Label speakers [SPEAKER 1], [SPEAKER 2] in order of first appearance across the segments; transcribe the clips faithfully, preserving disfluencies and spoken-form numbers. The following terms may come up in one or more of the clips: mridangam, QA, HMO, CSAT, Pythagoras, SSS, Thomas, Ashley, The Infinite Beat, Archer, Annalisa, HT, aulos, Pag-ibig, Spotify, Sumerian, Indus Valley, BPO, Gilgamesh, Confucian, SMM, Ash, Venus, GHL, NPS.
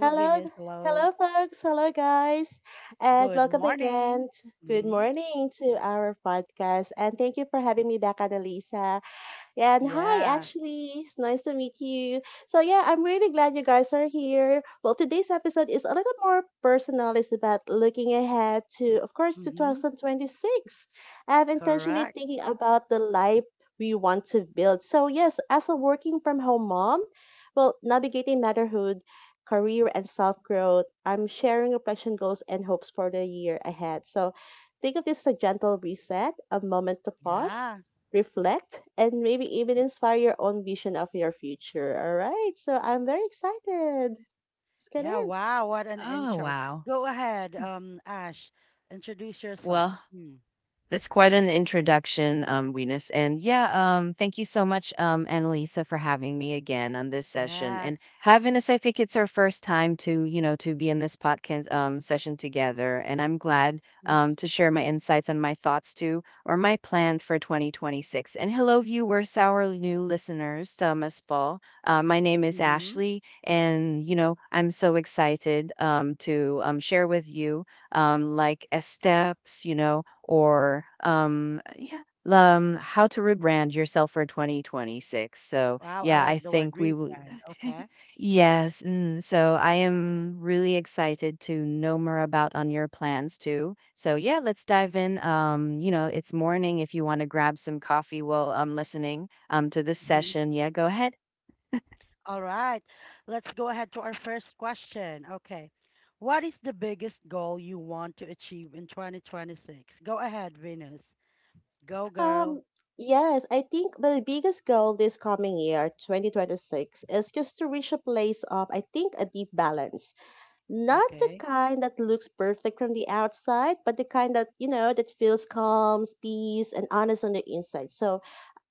[SPEAKER 1] Hello, hello, folks. Hello, guys, and welcome again. t- Good morning to our podcast, and thank you for having me back, Annalisa. Yeah, and hi, Ashley. It's nice to meet you. So, yeah, I'm really glad you guys are here. Well, today's episode is a little more personal. It's about looking ahead to, of course, to two thousand twenty-six and intentionally thinking about the life we want to build. So, yes, as a working from home mom, well, navigating motherhood, career, and self growth, I'm sharing reflection goals and hopes for the year ahead. So, think of this as a gentle reset, a moment to pause reflect, and maybe even inspire your own vision of your future. All right. So I'm very excited. Let's get in.
[SPEAKER 2] Oh, wow. Well, that's quite an introduction, um, Venus. And yeah, um, thank you so much, um, Annalisa, for having me again on this session. And having us, I think it's our first time to, you know, to be in this podcast um, session together. And I'm glad um,
[SPEAKER 1] Yes.
[SPEAKER 2] to share my insights and my thoughts too, or my plan for twenty twenty-six. And hello, viewers, our new listeners, Thomas as well. Uh, my name is Ashley, and you know, I'm so excited um, to um, share with you um, like uh, steps, you know, or um, yeah, um, how to rebrand yourself for twenty twenty-six. So yeah, I think we will. Yes. Mm, so I am really excited to know more about on your plans too. So yeah, let's dive in. Um, you know, it's morning. If you want to grab some coffee while I'm listening um to this session, yeah, go ahead.
[SPEAKER 1] Um, yes, I think the biggest goal this coming year, twenty twenty-six, is just to reach a place of, I think, a deep balance. Not the kind that looks perfect from the outside, but the kind that, you know, that feels calm, peace, and honest on the inside. So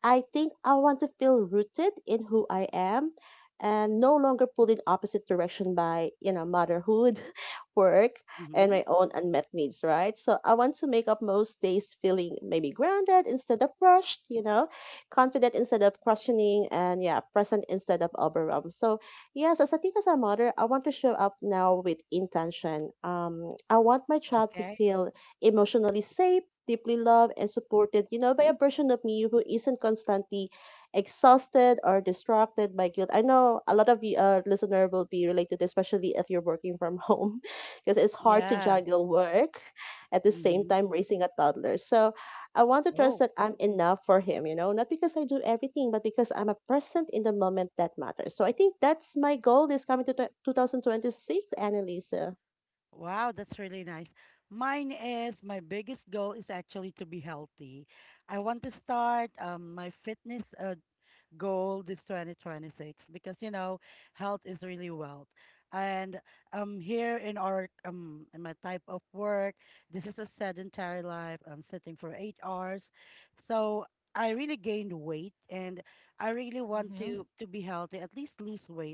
[SPEAKER 1] I think I want to feel rooted in who I am and no longer pulled in opposite direction by, you know, motherhood, work, and my own unmet needs, right? So I want to make up most days feeling maybe grounded instead of rushed, you know, confident instead of questioning, and yeah, present instead of overwhelmed. So yes, as I think as a mother, I want to show up now with intention. Um, I want my child to feel emotionally safe deeply loved and supported, you know, by a version of me who isn't constantly exhausted or distracted by guilt. I know a lot of you uh, listener will be related, especially if you're working from home, because it's hard to juggle work at the same time raising a toddler. So I want to trust that I'm enough for him, you know, not because I do everything, but because I'm a present in the moment that matters. So I think that's my goal this coming to t- two thousand twenty-six, Annalisa.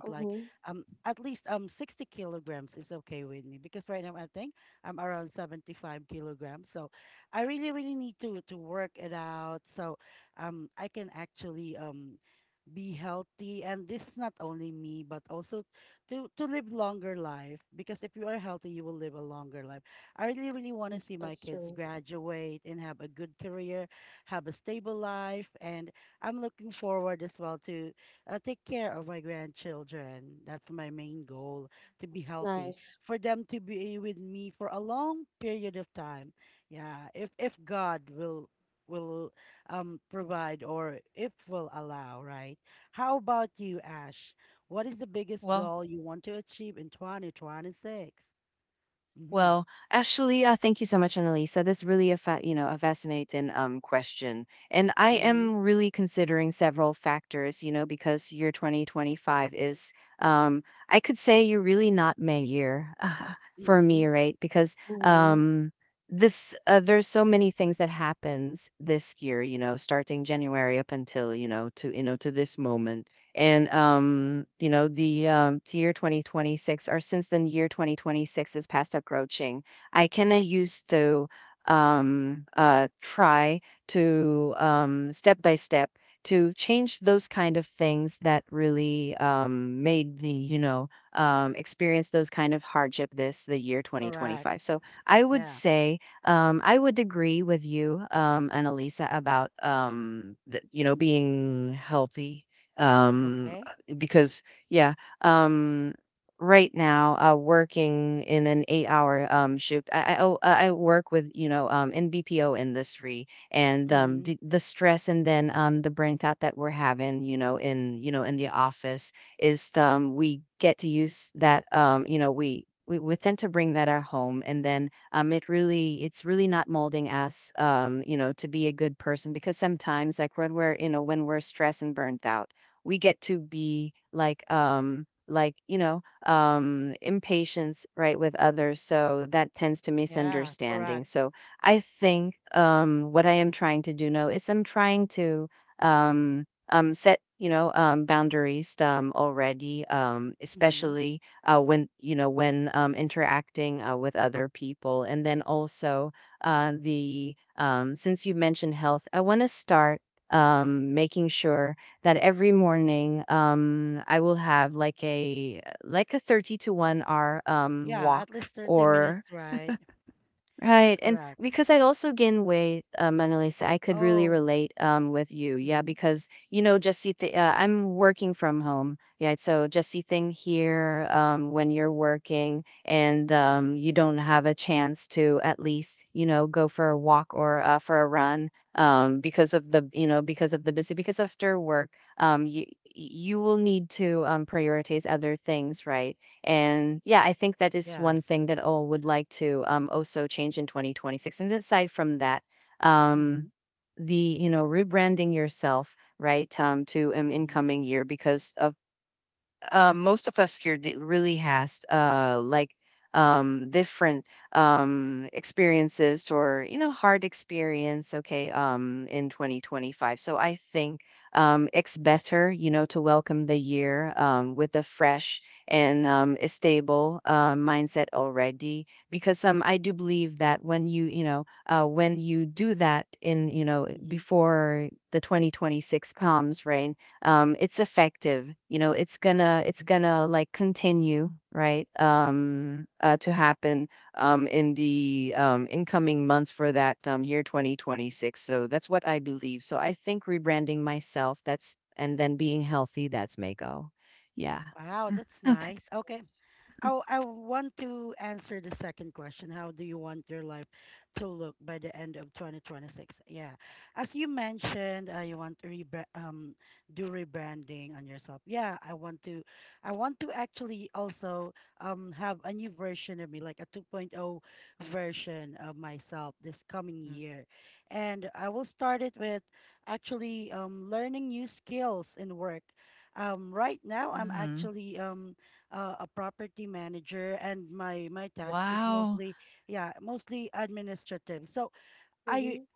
[SPEAKER 1] Mm-hmm. That's true. Nice.
[SPEAKER 2] Well. Well, actually, uh, thank you so much, Annalisa. That's really a fa- you know a fascinating um question, and I am really considering several factors. You know, because year twenty twenty-five is um I could say you're really not my year for me, right? Because
[SPEAKER 1] Mm-hmm.
[SPEAKER 2] um this uh, there's so many things that happens this year. You know, starting January up until you know to you know to this moment, and um you know the um the year twenty twenty-six, or since the year twenty twenty-six is past approaching, I kinda used to um uh try to um step by step to change those kind of things that really um made the you know um experience those kind of hardship this the year twenty twenty-five. so i would say um, I would agree with you, um, Annalisa, about um, the, you know being healthy, um because yeah, um right now, uh working in an eight hour um shift. I i, oh, I I work with you know um in B P O industry, and um the, the stress, and then um the burnt out that we're having you know in you know in the office, is, um we get to use that, um you know we we, we tend to bring that at home. And then um it really it's really not molding us um you know to be a good person, because sometimes, like, when we're you know when we're stressed and burnt out, we get to be like um like you know um impatience, right, with others, so that tends to misunderstanding. So I think um what I am trying to do now is, I'm trying to um um set you know um boundaries um already, um especially uh when you know when um interacting uh, with other people. And then also, uh the um since you mentioned health, I want to start um making sure that every morning, um I will have like a like a thirty to one hour um walk, or... Right. And because I also gain weight, uh, Manalisa, I could really relate um, with you. Yeah, because, you know, just see, th- uh, I'm working from home. Yeah. So just see thing here, um, when you're working and um, you don't have a chance to at least, you know, go for a walk or uh, for a run, um, because of the, you know, because of the, busy, because after work, um, you, you will need to um, prioritize other things, right? And yeah, I think that is one thing that I would like to um, also change in twenty twenty-six. And aside from that, um, the you know rebranding yourself, right, um, to an incoming year, because of um, most of us here that really has, uh, like, um, different um, experiences, or you know hard experience. Okay, um, in twenty twenty-five. So I think, um, it's better, you know, to welcome the year, um, with a fresh and, um, a stable, uh, mindset already, because um, I do believe that when you you know uh, when you do that, in you know before the twenty twenty-six comes, right? Um it's effective, you know it's gonna it's gonna like continue, right, um uh, to happen um in the um incoming months for that um year twenty twenty-six, so that's what I believe. So I think rebranding myself, that's, and then being healthy, that's mako. Yeah. Okay. Mm-hmm. Wow.
[SPEAKER 1] Mm-hmm.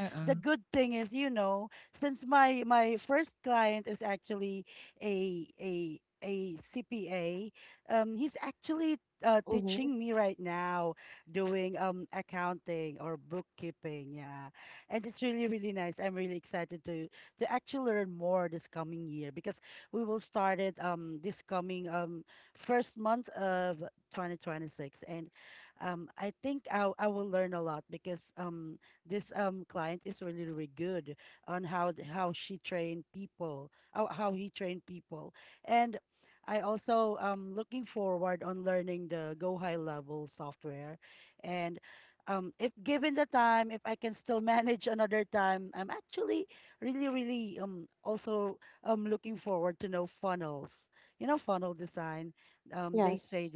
[SPEAKER 2] Uh-uh.
[SPEAKER 1] Mm-hmm. Yes.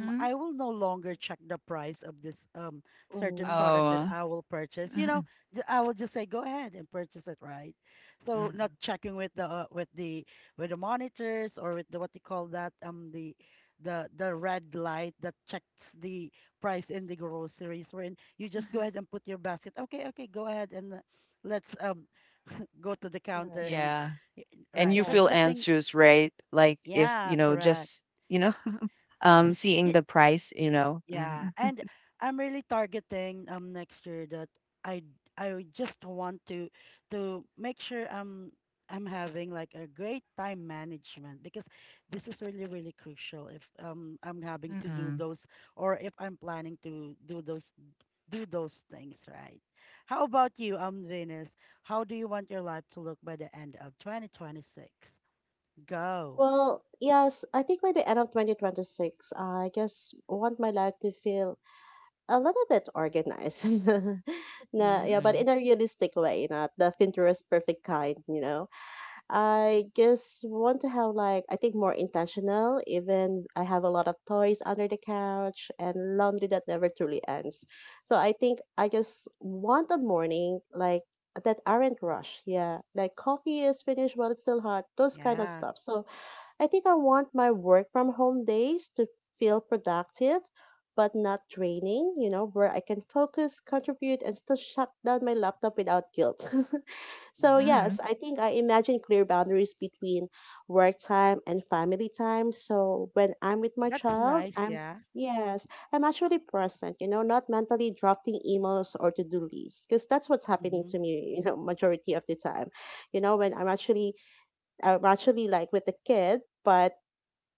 [SPEAKER 2] Mm-hmm.
[SPEAKER 1] Mm-hmm.
[SPEAKER 2] Oh. Mm-hmm. Mm-hmm.
[SPEAKER 1] Right.
[SPEAKER 2] Yeah. And you
[SPEAKER 1] Yes,
[SPEAKER 2] feel
[SPEAKER 1] yes.
[SPEAKER 2] anxious, right, like if you know just, you know um seeing the price, you know Mhm. Mm-mm,
[SPEAKER 1] Well, yes, I think by the end of twenty twenty-six, I just want my life to feel a little bit organized. Nah, yeah, but
[SPEAKER 2] mm-mm,
[SPEAKER 1] in a realistic way, not the Pinterest perfect kind, you know? I just want to have like I think more intentional. Even I have a lot of toys under the couch and laundry that never truly ends. So I think I just want a morning like that aren't rush. Yeah, like coffee is finished while it's still hot. Those kind of stuff. So I think I want my work from home days to feel productive. But not draining, you know, where I can focus, contribute, and still shut down my laptop without guilt. So yes,
[SPEAKER 2] mm-mm,
[SPEAKER 1] I think I imagine clear boundaries between work time and family time. So when I'm with my child, I'm yes, I'm actually present, you know, not mentally drafting emails or to-do lists because that's what's happening to me, you know, majority of the time. You know, when I'm actually I'm actually like with the kid, but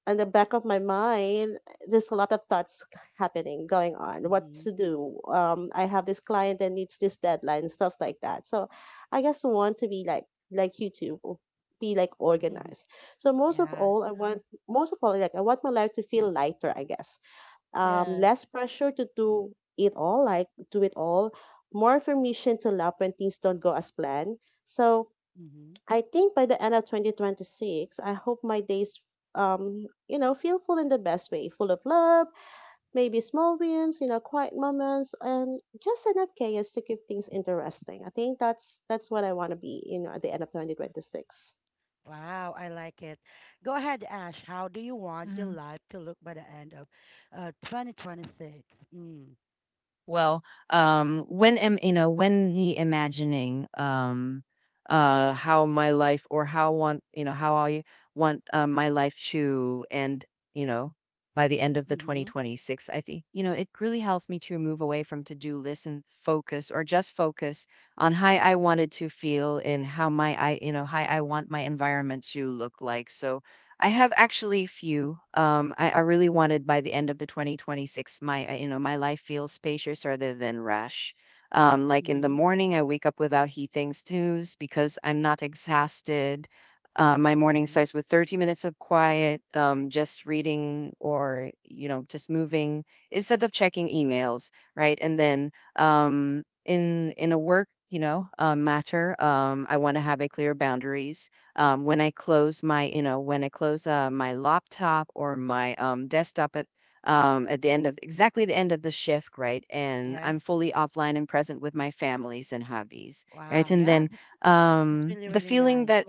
[SPEAKER 1] in the back of my mind, there's a lot of thoughts happening, going on. What to do? Um, I have this client that needs this deadline, stuff like that. So I just want to be like like you two, o- be like organized. So most of all, I want most of all, like I want my life to feel lighter, I guess. Um, less pressure to do it all, like do it all. More permission to laugh when things don't go as planned. So I think by the end of twenty twenty-six, I hope my days, um, you know, feel full in the best way, full of love, maybe small wins, you know, quiet moments, and just enough chaos to keep things interesting. I think that's that's what I want to be, you know, at the end of twenty twenty-six.
[SPEAKER 2] mm-mm. Well, um, when am, you know when he imagining, um, uh, how my life, or how want you know how I want, uh, my life to end, you know, by the end of the twenty twenty-six, I think you know it really helps me to move away from to do list and focus or just focus on how I wanted to feel, and how my I you know how I want my environment to look like. So I have actually few. Um, I, I really wanted, by the end of the twenty twenty-six, my uh, you know my life feels spacious rather than rash. Um, like in the morning, I wake up without heating snooze because I'm not exhausted. Uh, my morning starts with thirty minutes of quiet, um, just reading or you know just moving, instead of checking emails, right? And then, um, in in a work you know uh, matter, um, I want to have a clear boundaries, um, when I close my, you know, when I close uh, my laptop or my um, desktop, at um, at the end of, exactly, the end of the shift, right? And I'm fully offline and present with my families and hobbies, right? And then um, the feeling that,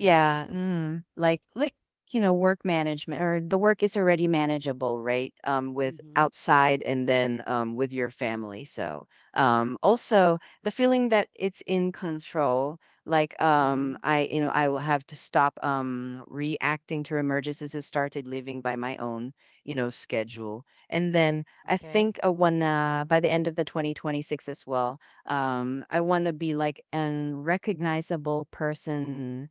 [SPEAKER 2] yeah, mm, like like you know, work management, or the work is already manageable, right? Um, with outside, and then um, with your family. So um, also, the feeling that it's in control. Like um, I, you know, I will have to stop um, reacting to emergencies, and started living by my own, you know, schedule. And then I think I wanna, by the end of the twenty twenty-six as well, Um, I wanna be like an recognizable person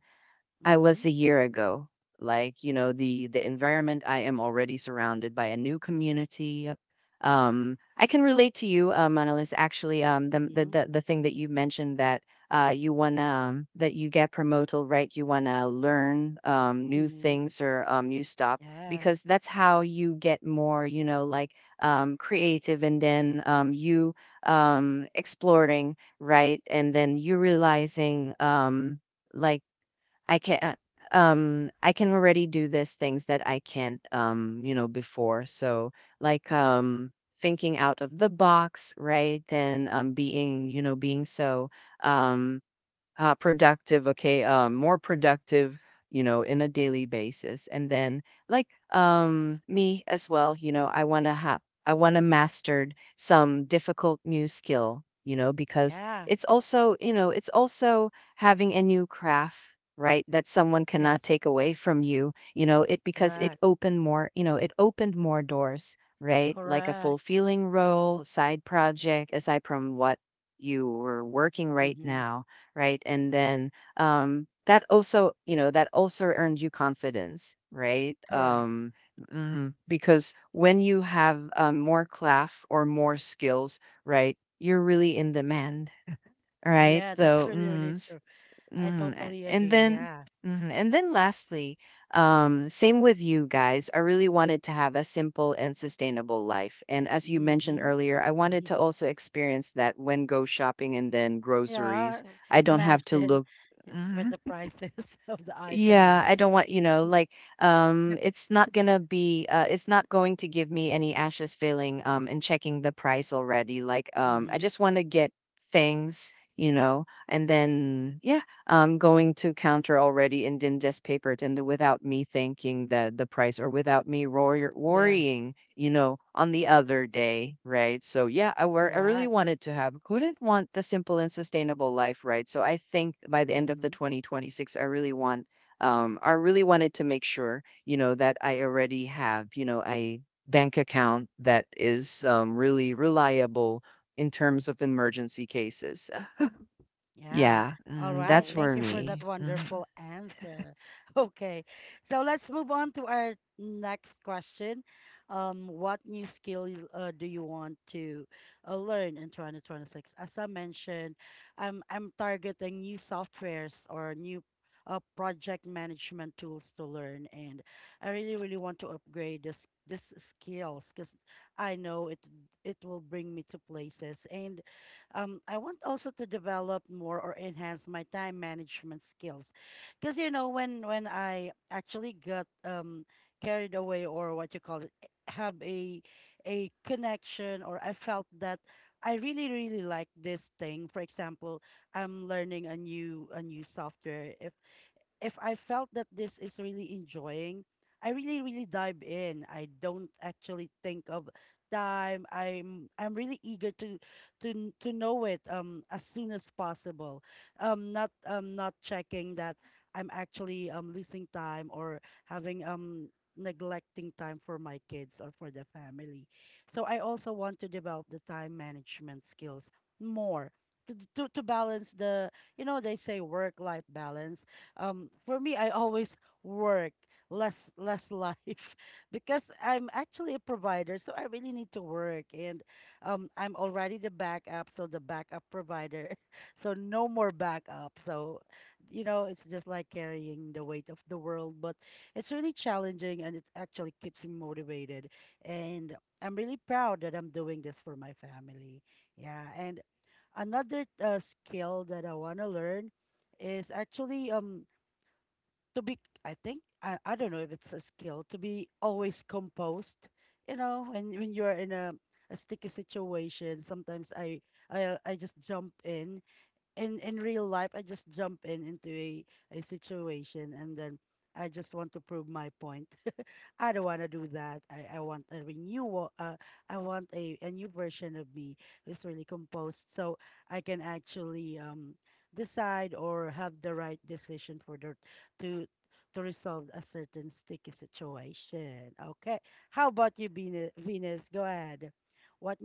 [SPEAKER 2] I was a year ago. Like, you know, the the environment I am already surrounded by a new community. uh, Um, I can relate to you, um, Annalise, actually, um, the, the the the thing that you mentioned, that uh you wanna that you get promoted, right? You wanna learn um new things, or um you stop, because that's how you get more, you know, like um creative, and then um you um exploring, right? And then you realizing um like, I can uh, um I can already do these things that I can't um you know before. So, like um thinking out of the box, right? And um being you know being so um uh, productive, okay, um, more productive, you know, in a daily basis. And then, like um me as well, you know, I want to have I want to mastered some difficult new skill, you know, because it's also, you know, it's also having a new craft, right? That someone cannot take away from you, you know, it because it opened more, you know, it opened more doors, right? Like a fulfilling role, side project, aside from what you were working right now, right? And then, um, that also, you know, that also earned you confidence, right? Um, Mhm. Because when you have um, more craft or more skills, right, you're really in demand, right? So. mm, Mhm. A- And then, mhm, and then lastly, um, same with you guys. I really wanted to have a simple and sustainable life. And as you mentioned earlier, I wanted to also experience that when go shopping and then groceries, I don't have to look. Yeah, I don't want, you know, like um it's not gonna be uh it's not going to give me any ashes feeling, um and checking the price already. Like um I just want to get things, you know, and then yeah, um going to counter already, and then just paper it in the, without me thinking the the price, or without me worry, worrying, you know, on the other day, right? So yeah, I were I really wanted to have, wouldn't want the simple and sustainable life, right? So I think by the end of the twenty twenty-six, I really want, um, I really wanted to make sure, you know, that I already have, you know, a bank account that is um, really reliable in terms of emergency cases. Uh, Yeah, mm, that's
[SPEAKER 1] Oh,
[SPEAKER 2] for
[SPEAKER 1] this
[SPEAKER 2] me.
[SPEAKER 1] is-
[SPEAKER 2] Mhm.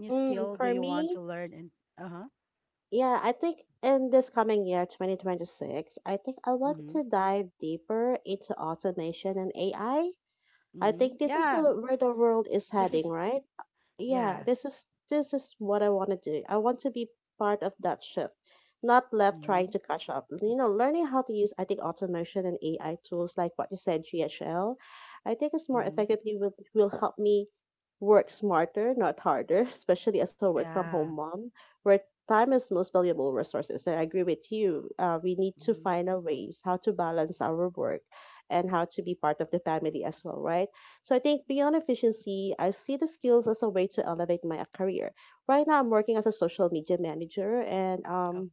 [SPEAKER 1] Mm, for me, yeah, I think in this coming year, twenty twenty-six, I think I want to dive deeper into automation and A I. I I think this is the where the world is heading, right? Yeah, this is this is what I want to do. I want to be part of that shift, not left trying to catch up. You know, learning how to use I think automation and A I tools like what you said, G H L, I think it's more effectively will will help me work smarter, not harder, especially as a work from home mom, where time is most valuable resources. And I agree with you. Uh, we need to find a ways how to balance our work and how to be part of the family as well, right? So I think beyond efficiency, I see the skills as a way to elevate my career. Right now, I'm working as a social media manager, and um,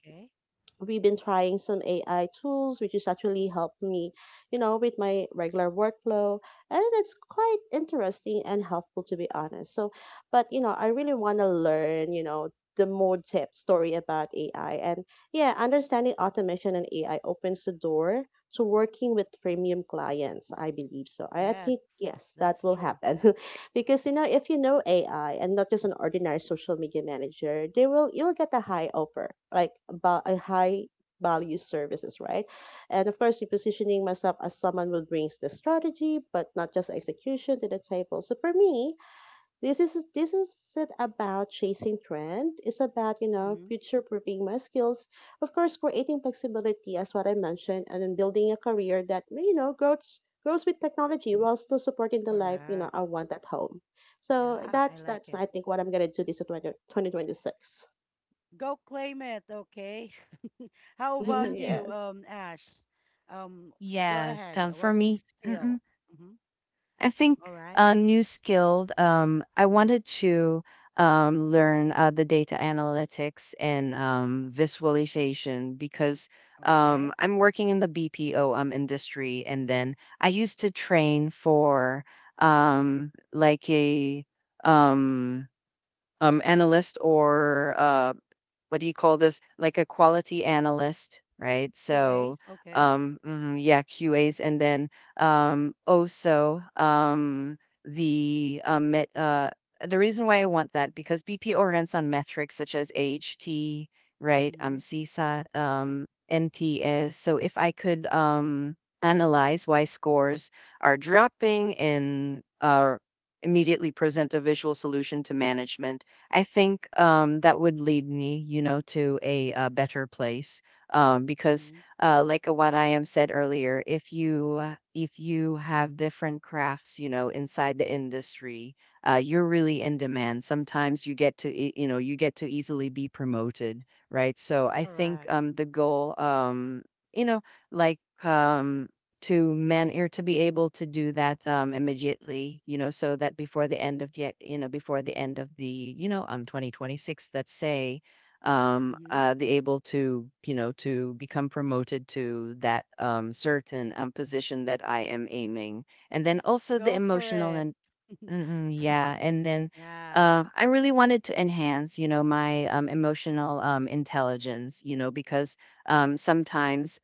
[SPEAKER 1] we've been trying some A I tools, which is actually helped me, you know, with my regular workflow. And it's quite interesting and helpful, to be honest. So, but, you know, I really want to learn, you know, the more tip story about A I. And yeah, understanding automation and A I opens the door to working with premium clients, I believe so. I, I think, yes, that will happen. Because you know, if you know A I and not just an ordinary social media manager, they will you'll get a high offer, like about a high value services, right? And of course, you're positioning myself as someone who brings the strategy, but not just execution to the table. So for me, this is this isn't about chasing trend. It's about, you know, future proofing my skills. Of course, creating flexibility as what I mentioned, and then building a career that you know grows grows with technology while still supporting the life, you know, I want at home. So that's that's I think what I'm gonna do this twenty, twenty twenty-six.
[SPEAKER 2] Mhm.
[SPEAKER 1] Yes.
[SPEAKER 2] Yes, um, for me, I think a new skill. Um, I wanted to um, learn, uh, the data analytics and um, visualization, because um, I'm working in the B P O um, industry, and then I used to train for, um, like a, um, um, analyst, or uh, what do you call this? Like a quality analyst, right? So, um, mhm, yeah, Q As, and then um, also um, the um, met, uh, the reason why I want that because B P O runs on metrics such as HT, right? Um, CSAT, um, N P S. So if I could um, analyze why scores are dropping and uh, immediately present a visual solution to management. I think um, that would lead me, you know, to a, uh better place. Um, because, uh, like uh, what I am said earlier, if you uh, if you have different crafts, you know, inside the industry, uh, you're really in demand. Sometimes you get to, e- you know, you get to easily be promoted, right? So I think um, the goal, um, you know, like um, to man or to be able to do that, um, immediately, you know, so that before the end of yet, you know, before the end of the, you know, um, twenty twenty-six, let's say, um, uh, the able to, you know, to become promoted to that um, certain um, position that I am aiming, and then also the emotional and mm, mm, yeah, and then. Uh, I really wanted to enhance, you know, my um, emotional um, intelligence, you know, because um, sometimes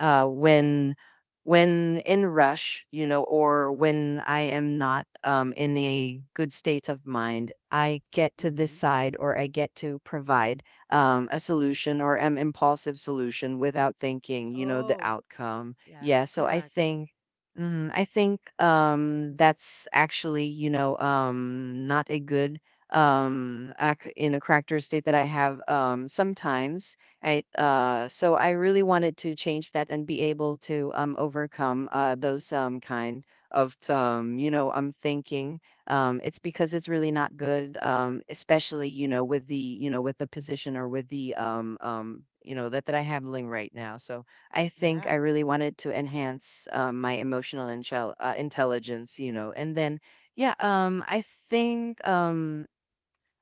[SPEAKER 2] uh, when when in rush, you know, or when I am not um, in a good state of mind, I get to decide or I get to provide um, a solution or an impulsive solution without thinking, you know, the outcome. Yeah, so I think. Mm, I think um, that's actually, you know, um, not a good um, ac- in a character state that I have um, sometimes, right? Uh, so I really wanted to change that and be able to um, overcome uh, those um, kind of um, you know I'm thinking. Um, it's because it's really not good, um, especially you know with the you know with the position or with the um, um, you know that that I handling right now. So I think I really wanted to enhance um, my emotional intel uh, intelligence, you know, and then yeah, um, I think. Um,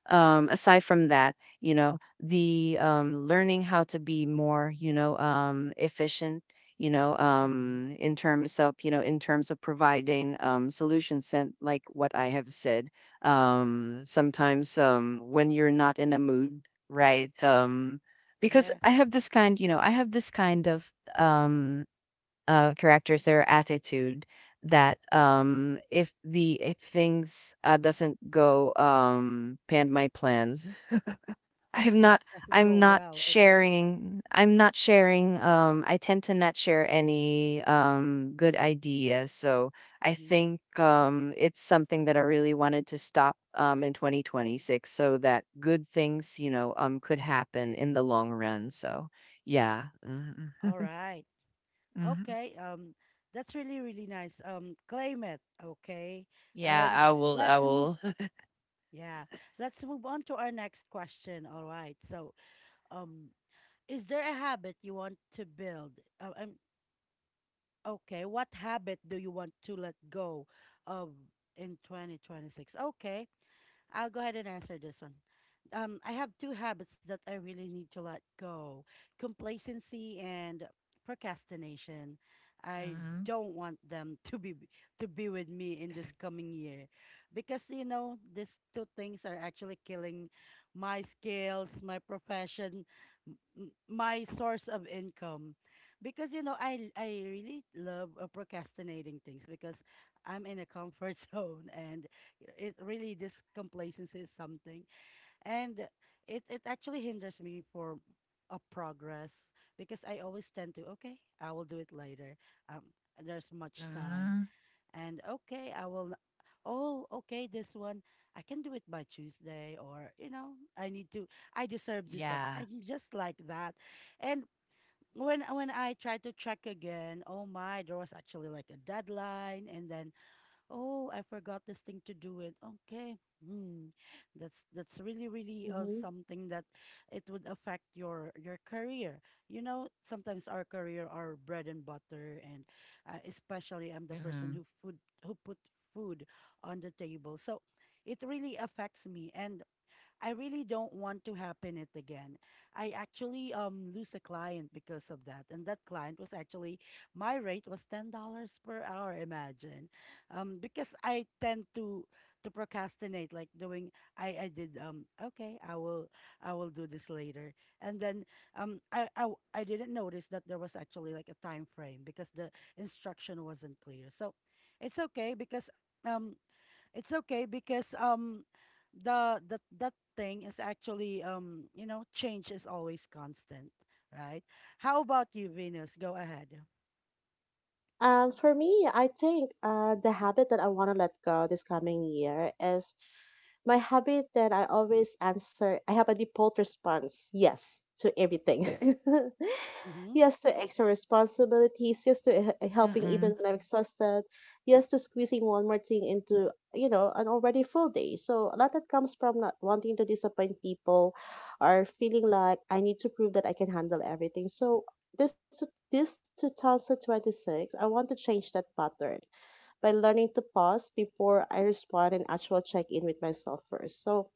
[SPEAKER 2] um Aside from that, you know, the um learning how to be more, you know, um efficient, you know, um in terms of, you know, in terms of providing um solutions, and like what I have said, um sometimes um when you're not in a mood, right. Um because i have this kind you know i have this kind of um uh, characters their attitude that um if the if things uh, doesn't go um pan my plans. i'm not i'm not sharing I'm not sharing, um I tend to not share any um good ideas. So I think um it's something that I really wanted to stop um in twenty twenty-six, so that good things, you know, um could happen in the long run. So yeah. hmm hmm yeah, I will, i will mhm, mhm. Yeah.
[SPEAKER 1] Hmm.
[SPEAKER 2] Mhm,
[SPEAKER 1] Um, for me, I think uh, the habit that I want to let go this coming year is my habit that I always answer, I have a default response, yes, to everything. Yes to extra responsibilities, yes to h- helping even
[SPEAKER 2] mhm,
[SPEAKER 1] when I'm exhausted, yes to squeezing one more thing into, you know, an already full day. So a lot that comes from not wanting to disappoint people or feeling like I need to prove that I can handle everything. So this this two thousand twenty-six, I want to change that pattern by learning to pause before I respond and actual check in with myself first. So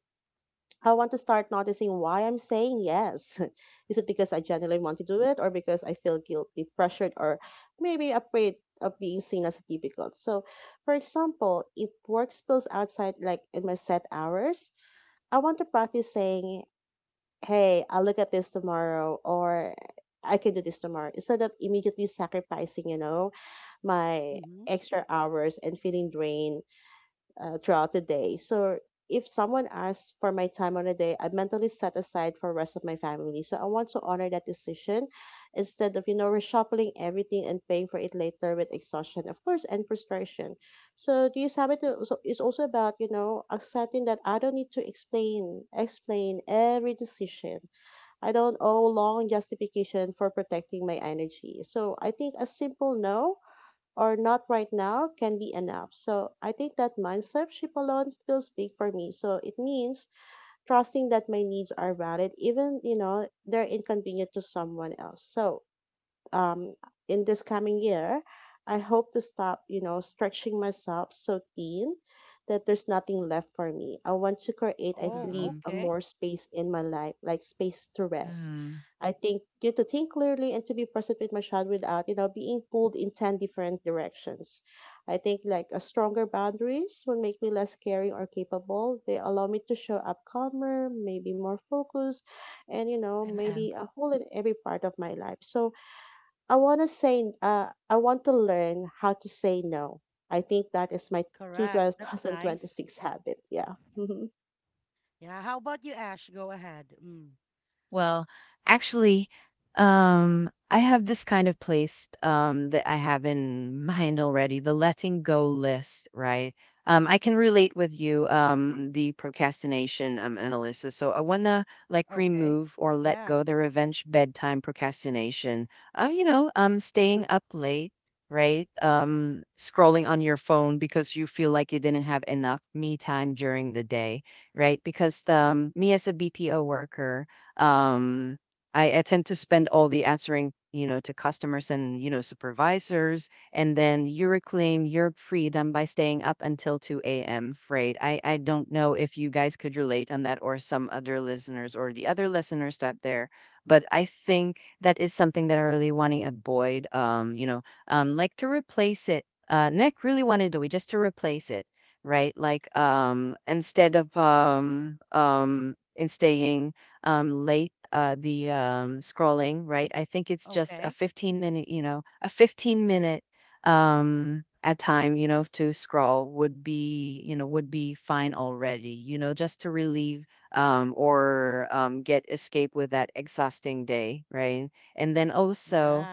[SPEAKER 1] I want to start noticing why I'm saying yes. Is it because I genuinely want to do it or because I feel guilty, pressured, or maybe afraid of being seen as difficult? So, for example, if work spills outside, like in my set hours, I want to practice saying, hey, I'll look at this tomorrow or I can do this tomorrow instead of immediately sacrificing, you know, my extra hours and feeling drained uh, throughout the day. So if someone asks for my time on a day, I mentally set aside for rest of my family. So I want to honor that decision instead of you know reshuffling everything and paying for it later with exhaustion, of course, and frustration. So this habit also is also about you know accepting that I don't need to explain explain every decision. I don't owe long justification for protecting my energy. So I think a simple no or not right now can be enough. So I think that mindset shift alone feels big for me. So it means trusting that my needs are valid, even you know they're inconvenient to someone else. So um, in this coming year, I hope to stop, you know, stretching myself so thin that there's nothing left for me. I want to create, I believe,
[SPEAKER 2] mhm,
[SPEAKER 1] a more space in my life, like space to rest.
[SPEAKER 2] mhm,
[SPEAKER 1] I think you to think clearly and to be present with my child without, you know, being pulled in ten different directions. I think like a stronger boundaries will make me less caring or capable. They allow me to show up calmer, maybe more focused, and you know,
[SPEAKER 2] and
[SPEAKER 1] maybe a whole in every part of my life. So I want to say, uh, I want to learn how to say no. I think that is my two thousand twenty-six habit. Yeah. Hmm.
[SPEAKER 2] well, actually, um, I have this kind of place um, that I have in mind already, the letting go list, right? Um, I can relate with you, um, the procrastination um, analysis. So I want to like remove or let go the revenge bedtime procrastination. Uh, you know, um, staying up late, right? Um, scrolling on your phone because you feel like you didn't have enough me time during the day, right? Because um, me as a B P O worker, um, I, I tend to spend all the answering, you know, to customers and, you know, supervisors. And then you reclaim your freedom by staying up until two a m. afraid. I, I don't know if you guys could relate on that, or some other listeners or the other listeners out there. But I think that is something that I really want to avoid, um, you know, um, like to replace it. Uh, Nick really wanted to, we just to replace it, right? Like um instead of um um in staying um, late, uh, the um, scrolling, right? I think it's just a fifteen minute, you know, a fifteen minute um, at time, you know, to scroll would be, you know, would be fine already, you know, just to relieve um, or um, get escape with that exhausting day, right? And then also,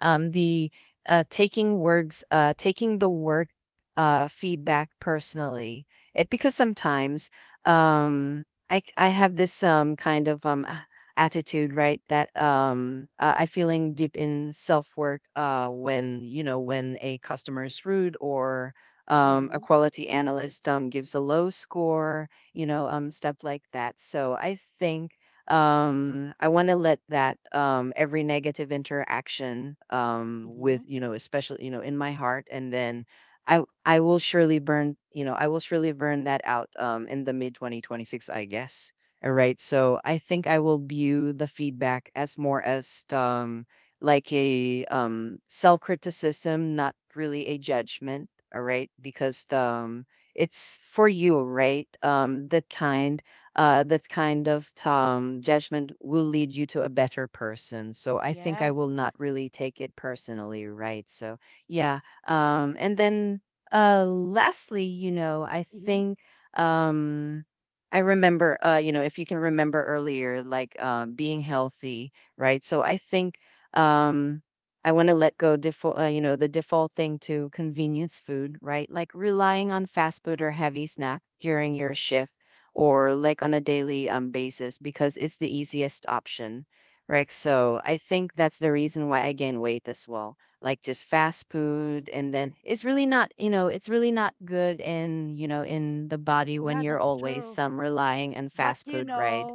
[SPEAKER 2] um, the uh, taking words, uh, taking the work uh, feedback personally. It because sometimes um, I I have this um kind of um a- attitude, right? That um uh, I feeling deep in self work uh when, you know, when a customer is rude or um, a quality analyst um, gives a low score, you know, um, stuff like that. So I think um I want to let that, um every negative interaction, um with, you know, especially, you know, in my heart. And then i i will surely burn you know I will surely burn that out um in the mid twenty twenty-six, I guess. All right, so I think I will view the feedback as more as um like a um self criticism, not really a judgment. All right, because the, um it's for you, right? Um the kind uh, that kind of um, judgment will lead you to a better person. So I think I will not really take it personally, right? So yeah. Um, and then uh, Lastly, you know, I think um, I remember, uh, you know, if you can remember earlier, like uh, being healthy, right? So I think um, I want to let go default, uh, you know, the default thing to convenience food, right? Like relying on fast food or heavy snack during your shift or like on a daily um, basis because it's the easiest option, right? So I think that's the reason why I gain weight as well. Like just fast food, and then it's really not, you know, it's really not good in, you know, in the body when you're always um, relying on fast food, right?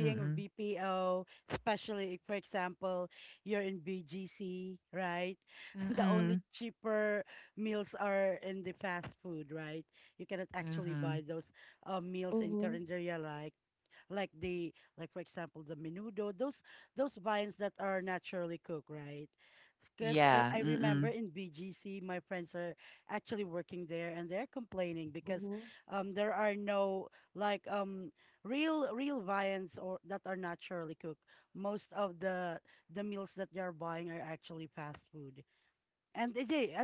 [SPEAKER 2] Mm-mm. Mm-mm. Mm-hmm.
[SPEAKER 1] Mm-hmm.
[SPEAKER 2] Yeah. Mm-mm.
[SPEAKER 1] Mm-hmm.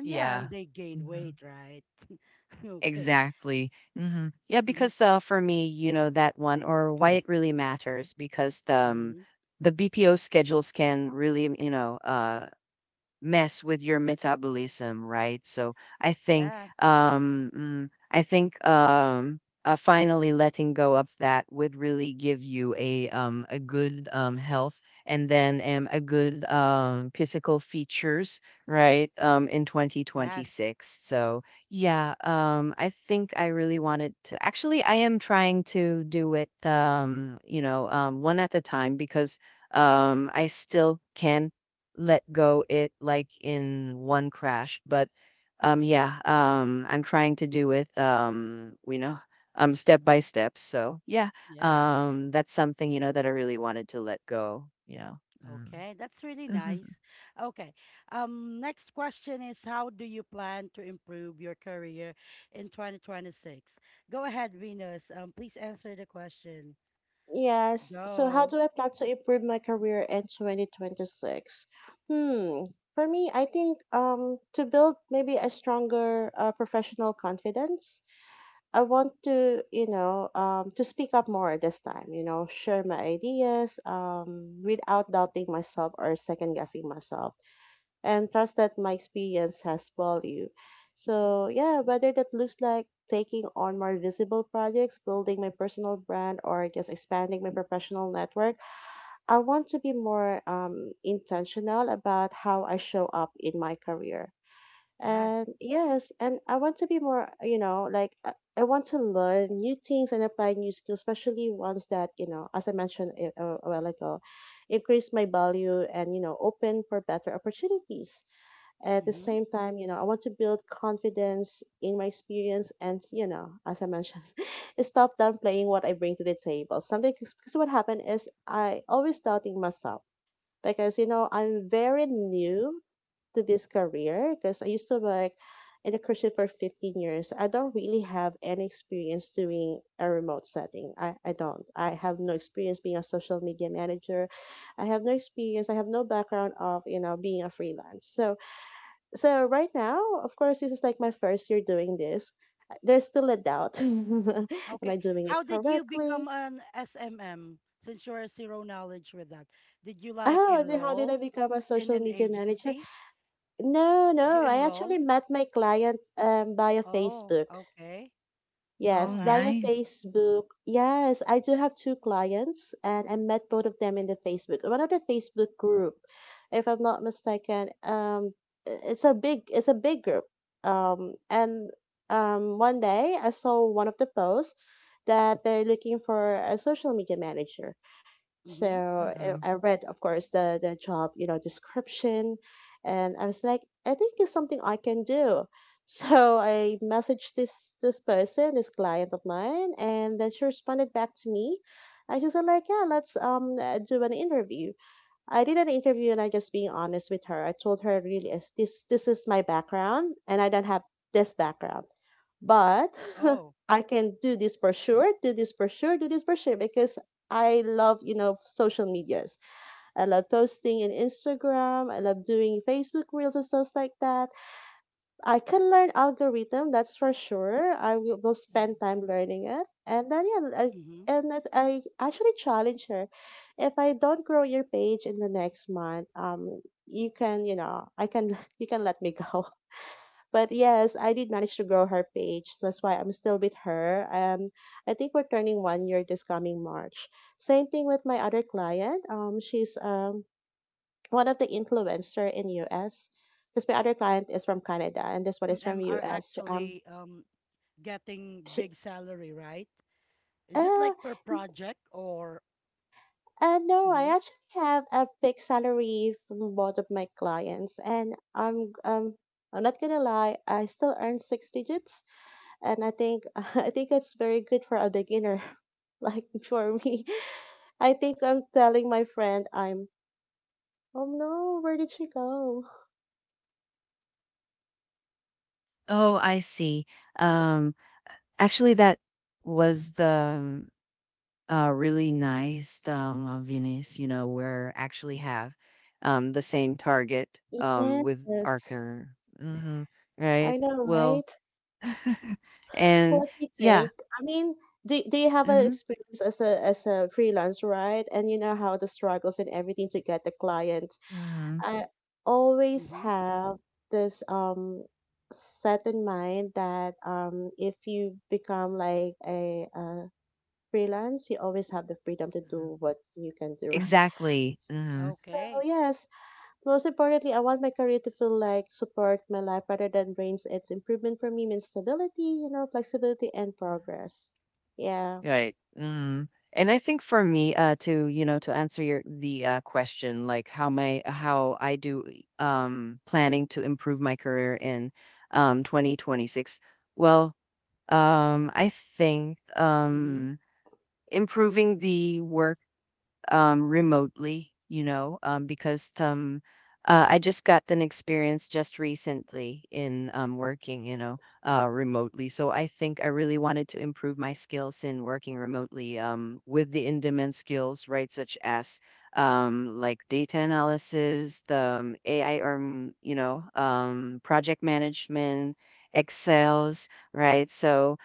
[SPEAKER 2] Yeah. Exactly. hmm Yeah, because uh, for me, you know, that one or why it really matters because the um, the B P O schedules can really, you know, uh, mess with your metabolism, right? So I think um mm, I think um uh, finally letting go of that would really give you a um a good um health, and then um a good um physical features, right? Um in twenty twenty-six. So yeah, um I think I really wanted to, actually I am trying to do it, um you know um one at a time, because um I still can let go it like in one crash. But um, yeah, um, I'm trying to do it, um, you know, um, step by step. So yeah, um, that's something, you know, that I really wanted to let go, you know. Mm. Mhm.
[SPEAKER 1] Yes. So, how do I plan to improve my career in twenty twenty-six? Hmm. For me, I think um to build maybe a stronger uh, professional confidence, I want to, you know, um to speak up more this time, you know, share my ideas um without doubting myself or second guessing myself and trust that my experience has value. So, yeah, whether that looks like taking on more visible projects, building my personal brand, or just expanding my professional network, I want to be more um, intentional about how I show up in my career. And yes, and I want to be more, you know, like I I want to learn new things and apply new skills, especially ones that, you know, as I mentioned a, a while ago, increase my value and, you know, open for better opportunities. At the same time, you know, I want to build confidence in my experience and, you know, as I mentioned, stop downplaying what I bring to the table. Something, because what happened is I always doubting myself because, you know, I'm very new to this career because I used to work in a cruise ship for fifteen years. I don't really have any experience doing a remote setting. I, I don't. I have no experience being a social media manager. I have no experience. I have no background of, you know, being a freelance. So so right now, of course, this is like my first year doing this. Uh, There's still a doubt. Am I doing it correctly? Oh, then how did I become a social media manager? No, no, I actually met my client um, via Facebook.
[SPEAKER 2] Oh,
[SPEAKER 1] Yes, via
[SPEAKER 2] nice.
[SPEAKER 1] Facebook. Yes, I do have two clients and I met both of them in the Facebook, one of the Facebook group, if I'm not mistaken. Um, i- it's a big, it's a big group. Um, and um, One day I saw one of the posts that they're looking for a social media manager. So uh,
[SPEAKER 2] Mhm.
[SPEAKER 1] I read, of course, the the job, you know, description, and I was like, I think there's something I can do. So I messaged this this person, this client of mine, and then she responded back to me. And she said like, yeah, let's um uh, do an interview. I did an interview and I just being honest with her. I told her really is this this is my background and I don't have this background. But I can do this for sure, do this for sure, do this for sure because I love, you know, social medias. I love posting in Instagram. I love doing Facebook reels and stuff like that. I can learn algorithm, that's for sure. I will, will spend time learning it. And then yeah, I, and that I actually challenge her. If I don't grow your page in the next month, um you can, you know, I can you can let me go. But yes, I did manage to grow her page. That's why I'm still with her. Um I think we're turning one year this coming March. Same thing with my other client. Um she's um one of the influencer in U S because my other client is from Canada and this one is from U S. Um, she, uh, n- uh, no, I actually have a fixed salary from both of my clients, and I'm um. I'm not gonna lie, I still earn six digits, and I think I think it's very good for a beginner, like for me. I think I'm telling my friend I'm, oh no, where did she go?
[SPEAKER 2] Oh, I see. Um, Actually, that was the uh, really nice um, of Venice. You know, we actually have um, the same target um, with
[SPEAKER 1] Yes,
[SPEAKER 2] Archer. hmm Right.
[SPEAKER 1] I know,
[SPEAKER 2] Well,
[SPEAKER 1] right?
[SPEAKER 2] and
[SPEAKER 1] What do you
[SPEAKER 2] yeah.
[SPEAKER 1] think? I mean, do, do you have an
[SPEAKER 2] hmm
[SPEAKER 1] experience as a as a freelance, right? And you know how the struggles and everything to get the clients.
[SPEAKER 2] hmm
[SPEAKER 1] I always
[SPEAKER 3] Mm-hmm.
[SPEAKER 1] have this um set in mind that um if you become like a, uh freelance, you always have the freedom to do what you can do, right?
[SPEAKER 2] Exactly. hmm
[SPEAKER 1] So
[SPEAKER 3] Okay.
[SPEAKER 1] yes, most importantly, I want my career to feel like support my life rather than drains its improvement for me means stability, you know, flexibility and progress. Yeah.
[SPEAKER 2] Right. Mm. And I think for me, uh, to, you know, to answer your the uh, question, like how my how I do um planning to improve my career in um twenty twenty-six. Well, Um, I think
[SPEAKER 3] Mm-hmm.
[SPEAKER 2] um, improving the work um, remotely, you know, um, because um, uh, I just got an experience just recently in um, working, you know, uh, remotely. So I think I really wanted to improve my skills in working remotely um, with the in-demand skills, right, such as um, like data analysis, the um, A I, or um, you know, um, project management, Excel's, right? So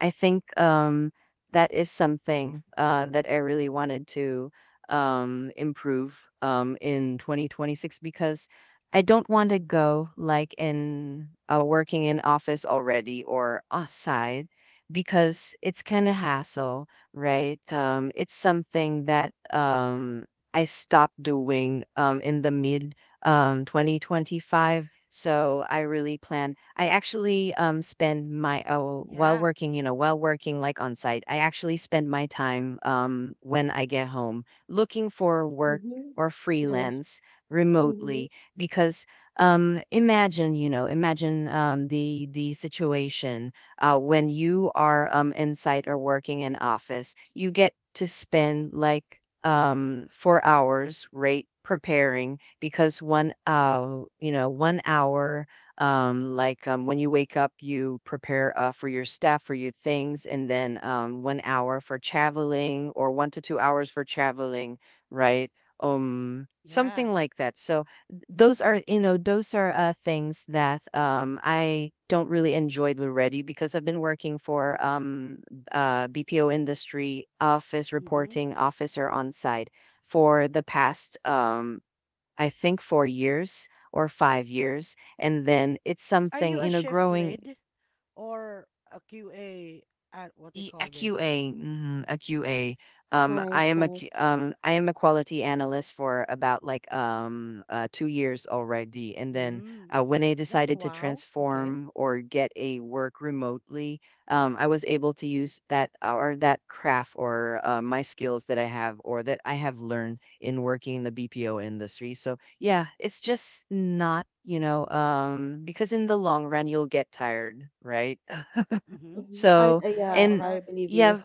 [SPEAKER 2] I think um, that is something uh, that I really wanted to um, improve um, in twenty twenty-six, because I don't want to go like in uh, working in office already or outside because it's kind of hassle, right? Um, it's something that um, I stopped doing um, in the mid um, twenty twenty-five. So I really plan, I actually um, spend my, oh, while
[SPEAKER 3] Yeah.
[SPEAKER 2] working, you know, while working like on site, I actually spend my time um, when I get home looking for work
[SPEAKER 1] Mm-hmm.
[SPEAKER 2] or
[SPEAKER 1] Nice.
[SPEAKER 2] freelance
[SPEAKER 1] Mm-hmm.
[SPEAKER 2] remotely, because um, imagine, you know, imagine um, the the situation uh, when you are um, in site or working in office, you get to spend like um, four hours, right? Preparing, because one, uh you know, one hour um, like um, when you wake up, you prepare uh, for your stuff, for your things, and then um, one hour for traveling, or one to two hours for traveling, right? Um,
[SPEAKER 3] Yeah.
[SPEAKER 2] something like that. So th- those are, you know, those are uh, things that um, I don't really enjoy already because I've been working for um, uh, B P O industry office
[SPEAKER 3] Mm-hmm.
[SPEAKER 2] reporting officer on site for the past um, I think four years or five years, and then it's
[SPEAKER 3] Are
[SPEAKER 2] something,
[SPEAKER 3] you
[SPEAKER 2] you
[SPEAKER 3] a
[SPEAKER 2] know,
[SPEAKER 3] shift
[SPEAKER 2] growing.
[SPEAKER 3] lead or a Q A at what they
[SPEAKER 2] E- A
[SPEAKER 3] call this?
[SPEAKER 2] Q A, mhm, a Q A. Um, I
[SPEAKER 1] Nice,
[SPEAKER 3] Okay.
[SPEAKER 2] am a Q-
[SPEAKER 1] nice.
[SPEAKER 2] um, I am a quality analyst for about like um uh, two years already, and then
[SPEAKER 3] Mm.
[SPEAKER 2] uh, when I
[SPEAKER 3] That's
[SPEAKER 2] decided to
[SPEAKER 3] wow. Okay.
[SPEAKER 2] transform or get a work remotely, um, I was able to use that or that craft or uh, my skills that I have or that I have learned in working in the B P O industry. So yeah, it's just not you know um because in the long run you'll get tired, right?
[SPEAKER 3] Mm-hmm.
[SPEAKER 1] Mm-hmm. I,
[SPEAKER 2] So,
[SPEAKER 1] I
[SPEAKER 3] Yeah,
[SPEAKER 1] yeah,
[SPEAKER 2] and
[SPEAKER 1] I
[SPEAKER 3] correct.
[SPEAKER 1] believe you.
[SPEAKER 2] yeah,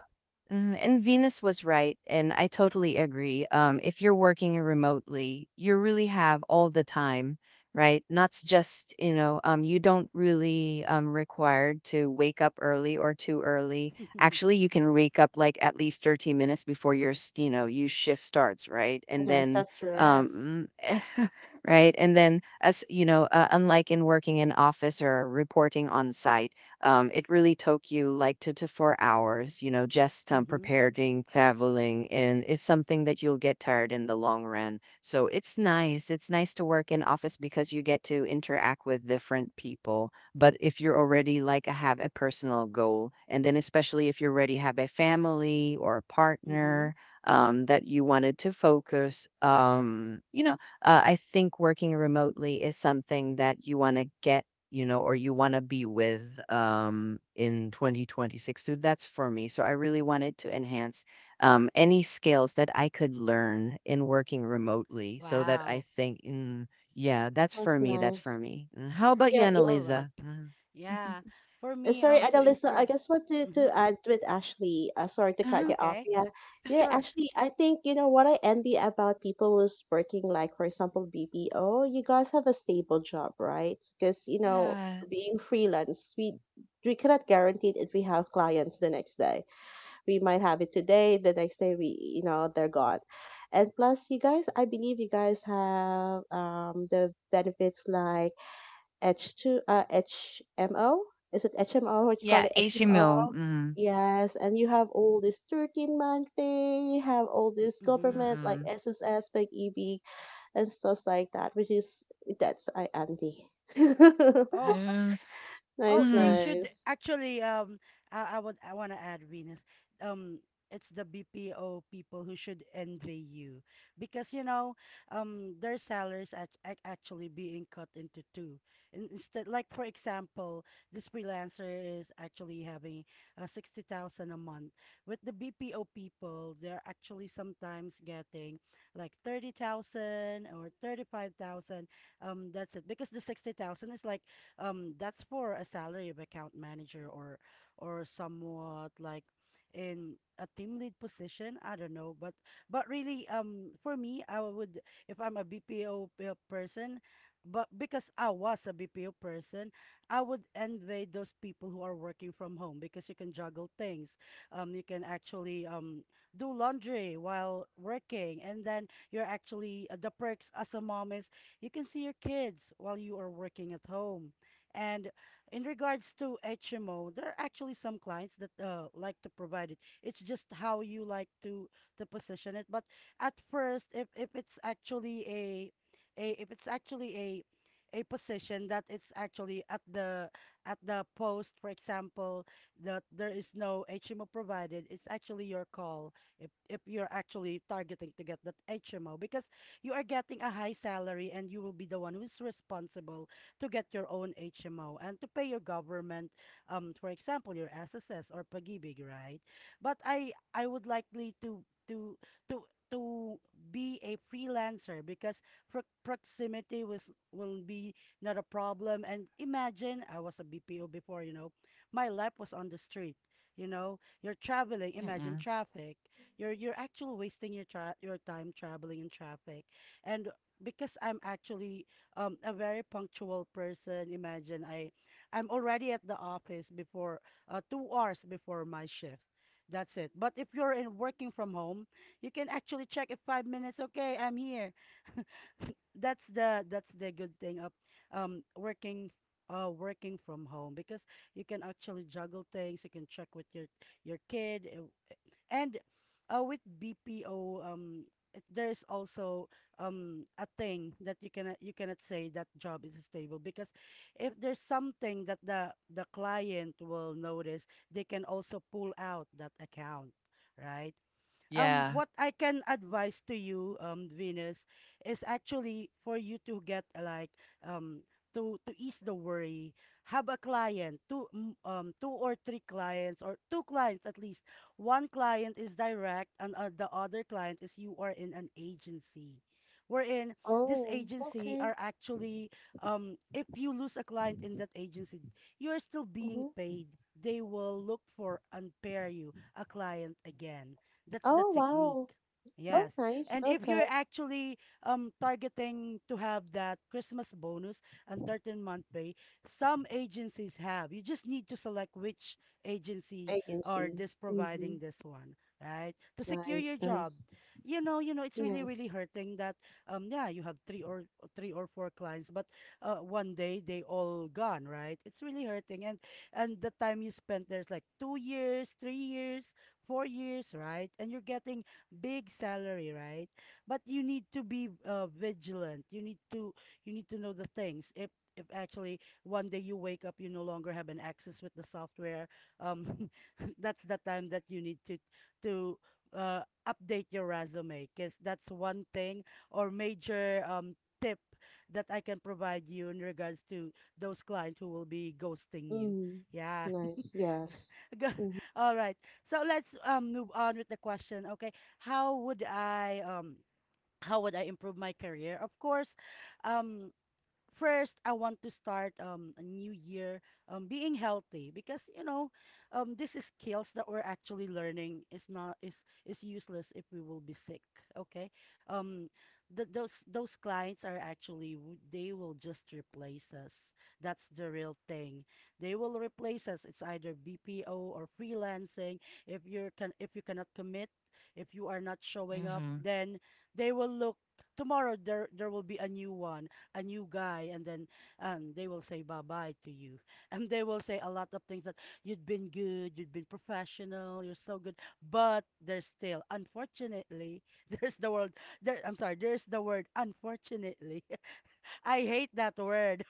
[SPEAKER 2] mm, and Venus was right. And I totally agree. Um, if you're working remotely, you really have all the time, right? Not s- just, you know, um, you don't really um, required to wake up early or too early. Actually, you can wake up like at least thirty minutes before your, s- you know, you shift starts, right? And
[SPEAKER 1] Yes,
[SPEAKER 2] then
[SPEAKER 1] that's true.
[SPEAKER 2] um,
[SPEAKER 3] Yes.
[SPEAKER 2] mm, eh, right? And then, as you know, uh, unlike in working in office or reporting on site, um, it really took you like two to four hours, you know, just um,
[SPEAKER 3] Mm-hmm.
[SPEAKER 2] preparing, traveling, and it's something that you'll get tired in the long run. So it's nice. It's nice to work in office because you get to interact with different people. But if you're already like have a personal goal, and then especially if you already have a family or a
[SPEAKER 3] Mm-hmm.
[SPEAKER 2] partner um, that you wanted to focus, um, you know uh, I think working remotely is something that you want to get, you know, or you want to be with um, in twenty twenty-six. So that's for me. So I really wanted to enhance um, any skills that I could learn in working remotely so that I
[SPEAKER 3] Wow.
[SPEAKER 2] think, mm, yeah, that's
[SPEAKER 1] That's
[SPEAKER 2] for me. That's for
[SPEAKER 1] nice.
[SPEAKER 2] me. Mm, how about you,
[SPEAKER 1] Yeah,
[SPEAKER 3] All right.
[SPEAKER 2] Annalisa? Mm.
[SPEAKER 3] Yeah. For
[SPEAKER 1] Uh,
[SPEAKER 3] me,
[SPEAKER 1] Sorry,
[SPEAKER 3] um, to
[SPEAKER 1] Annalisa, I
[SPEAKER 3] improve.
[SPEAKER 1] just want to,
[SPEAKER 3] Mm-hmm.
[SPEAKER 1] to add with Ashley. Uh, sorry to cut
[SPEAKER 2] Mm-hmm.
[SPEAKER 1] you off.
[SPEAKER 3] Okay.
[SPEAKER 1] Yeah. Yeah,
[SPEAKER 3] Sure.
[SPEAKER 1] Ashley, I think, you know, what I envy about people who's working, like, for example, B P O, you guys have a stable job, right? Because, you know,
[SPEAKER 2] Yeah.
[SPEAKER 1] being freelance, we we cannot guarantee if we have clients the next day. We might have it today, the next day we, you know, they're gone. And plus, you guys, I believe you guys have um the benefits like H two, uh, H M O. Is it H M O? What you call
[SPEAKER 2] Yeah.
[SPEAKER 1] it?
[SPEAKER 2] A C.
[SPEAKER 1] H M O.
[SPEAKER 2] Mm.
[SPEAKER 1] Yes, and you have all this thirteen month pay, you have all this
[SPEAKER 3] Mm-hmm.
[SPEAKER 1] government like
[SPEAKER 2] Mm-mm.
[SPEAKER 1] S S S big E B, and stuff like that, which is that's I envy.
[SPEAKER 3] Oh,
[SPEAKER 2] Mm.
[SPEAKER 3] oh,
[SPEAKER 1] Nice,
[SPEAKER 3] they
[SPEAKER 2] Mm.
[SPEAKER 3] should
[SPEAKER 1] nice.
[SPEAKER 3] actually. Um, I, I would. I want to add Venus. Um, it's the B P O people who should envy you because you know, um, their salaries act, act actually being cut into two. In, instead, like for example, this freelancer is actually having uh, sixty thousand a month. With the B P O people, they're actually sometimes getting like thirty thousand or thirty-five thousand. Um, that's it because the sixty thousand is like um that's for a salary of account manager or or somewhat like in a team lead position. I don't know, but but really, um for me I would, if I'm a B P O pe- person, but because I was a B P O person I would envy those people who are working from home because you can juggle things. Um you can actually um do laundry while working, and then you're actually, uh, the perks as a mom is you can see your kids while you are working at home. And in regards to H M O, there are actually some clients that uh, like to provide it. It's just how you like to to position it. But at first, if if it's actually a a if it's actually a a position that it's actually at the at the post, for example, that there is no H M O provided, it's actually your call if if you're actually targeting to get that H M O, because you are getting a high salary and you will be the one who is responsible to get your own H M O and to pay your government, um, for example, your S S S or Pag-ibig, right? But I I would likely to to to to be a freelancer because pro- proximity was will be not a problem. And imagine I was a B P O before, you know, my life was on the street. You know, you're traveling. Imagine
[SPEAKER 2] Mm-mm.
[SPEAKER 3] traffic. You're you're actually wasting your tra- your time traveling in traffic, and because I'm actually um a very punctual person. Imagine I I'm already at the office before uh, two hours before my shift. That's it. But if you're in working from home, you can actually check if five minutes, okay, I'm here. That's the that's the good thing of um working uh working from home, because you can actually juggle things, you can check with your your kid, uh, and uh, with B P O, um, it- there's also um a thing that you cannot you cannot say that job is stable, because if there's something that the the client will notice, they can also pull out that account, right? Um,
[SPEAKER 2] Yeah.
[SPEAKER 3] what I can advise to you, um, Venus, is actually for you to get uh, like um to to ease the worry, have a client, two mm, um two or three clients, or two clients at least. One client is direct, and uh, the other client is you are in an agency, wherein this
[SPEAKER 1] Oh,
[SPEAKER 3] agency
[SPEAKER 1] okay.
[SPEAKER 3] are actually um if you lose a client in that agency, you are still being
[SPEAKER 1] Mm-hmm.
[SPEAKER 3] paid. They will look for and pair you a client again. That's the
[SPEAKER 1] Oh, wow.
[SPEAKER 3] technique.
[SPEAKER 1] Oh,
[SPEAKER 3] Yes.
[SPEAKER 1] nice.
[SPEAKER 3] And if
[SPEAKER 1] Okay.
[SPEAKER 3] you're actually um targeting to have that Christmas bonus and thirteen month pay, some agencies have. You just need to select which agency
[SPEAKER 1] Agency.
[SPEAKER 3] are this
[SPEAKER 1] Mm-hmm.
[SPEAKER 3] providing this one, right? To secure
[SPEAKER 1] Nice,
[SPEAKER 3] your
[SPEAKER 1] nice.
[SPEAKER 3] job. You know, you know, it's really, really
[SPEAKER 1] Yes.
[SPEAKER 3] hurting that um yeah, you have three or three or four clients, but uh one day they all gone, right? It's really hurting. And and the time you spent there's like two years, three years, four years, right? And you're getting big salary, right? But you need to be uh, vigilant. You need to you need to know the things. If if actually one day you wake up, you no longer have an access with the software. Um, that's the time that you need to to uh, update your resume, because that's one thing or major um, tip that I can provide you in regards to those clients who will be ghosting you.
[SPEAKER 1] Mm.
[SPEAKER 3] Yeah.
[SPEAKER 1] Nice. Yes.
[SPEAKER 3] Go-
[SPEAKER 1] Mm-hmm.
[SPEAKER 3] all right. So let's um move on with the question. Okay. How would I um how would I improve my career? Of course, um first I want to start um a new year um being healthy, because you know, um this is skills that we're actually learning is not is is useless if we will be sick. Okay. um the, those those clients are actually w- they will just replace us. That's the real thing. They will replace us. It's either B P O or freelancing. If you're can if you cannot commit, if you are not showing up,
[SPEAKER 2] Mm-hmm.
[SPEAKER 3] then they will look tomorrow, there there will be a new one, a new guy. And then and they will say bye bye to you, and they will say a lot of things that you've been good, you've been professional, you're so good, but there's still unfortunately. there's the word there I'm sorry, there's the word unfortunately. I hate that word.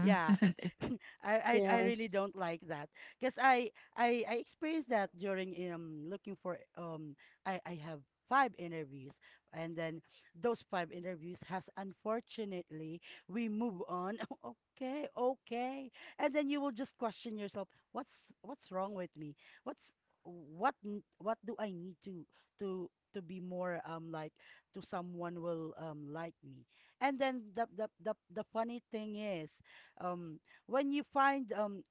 [SPEAKER 3] Yeah. I, I I really
[SPEAKER 1] Yes.
[SPEAKER 3] don't like that, because I, I I experienced that during um looking for, um I I have five interviews, and then those five interviews has unfortunately we move on. Okay, okay. And then you will just question yourself, what's what's wrong with me, what's what n- what do I need to to to be more um like to someone will um like me. And then the the the, the funny thing is, um when you find um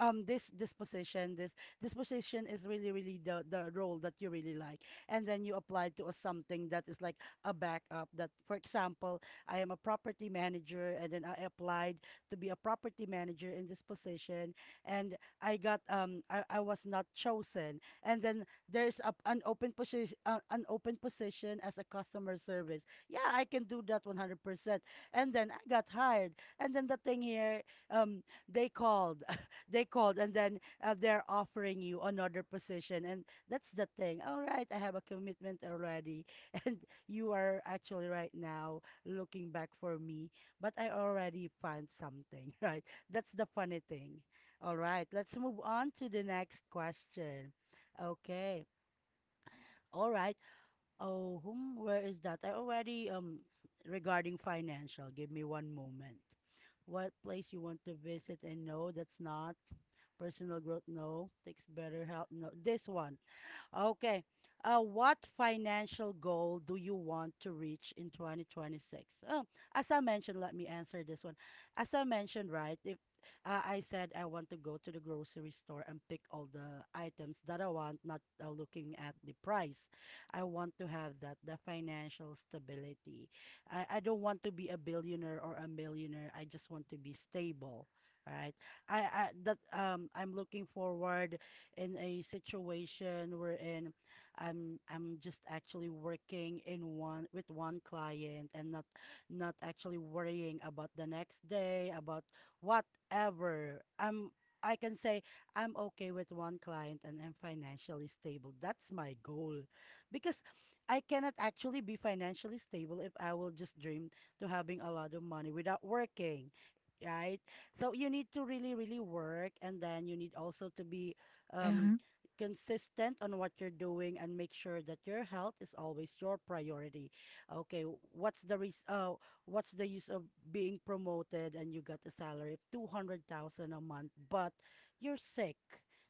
[SPEAKER 3] um this this position, this this position is really, really the the role that you really like, and then you apply to a something that is like a backup. That for example, I am a property manager, and then I applied to be a property manager in this position, and I got um i, I was not chosen. And then there's a, an open position, uh, an open position as a customer service. Yeah, I can do that one hundred percent. And then I got hired. And then the thing here, um, they called, they called, and then uh, they're offering you another position, and that's the thing. All right, I have a commitment already, and you are actually right now looking back for me, but I already found something, right? That's the funny thing. All right, let's move on to the next question. Okay. All right. Oh, whom, where is that? I already um regarding financial. Give me one moment. What place you want to visit? And no, that's not personal growth. No, takes better health. No, this one. Okay. Uh, what financial goal do you want to reach in twenty twenty-six? Oh, as I mentioned, let me answer this one. As I mentioned, right, if uh, I said I want to go to the grocery store and pick all the items that I want, not uh, looking at the price. I want to have that, the financial stability. I, I don't want to be a billionaire or a millionaire. I just want to be stable, right? I, I that um I'm looking forward in a situation wherein I'm I'm just actually working in one with one client, and not not actually worrying about the next day, about whatever. I'm I can say I'm okay with one client and I'm financially stable. That's my goal. Because I cannot actually be financially stable if I will just dream to having a lot of money without working, right? So you need to really, really work, and then you need also to be um, consistent on what you're doing, and make sure that your health is always your priority. Okay, what's the res- uh, what's the use of being promoted and you got a salary of two hundred thousand a month, but you're sick.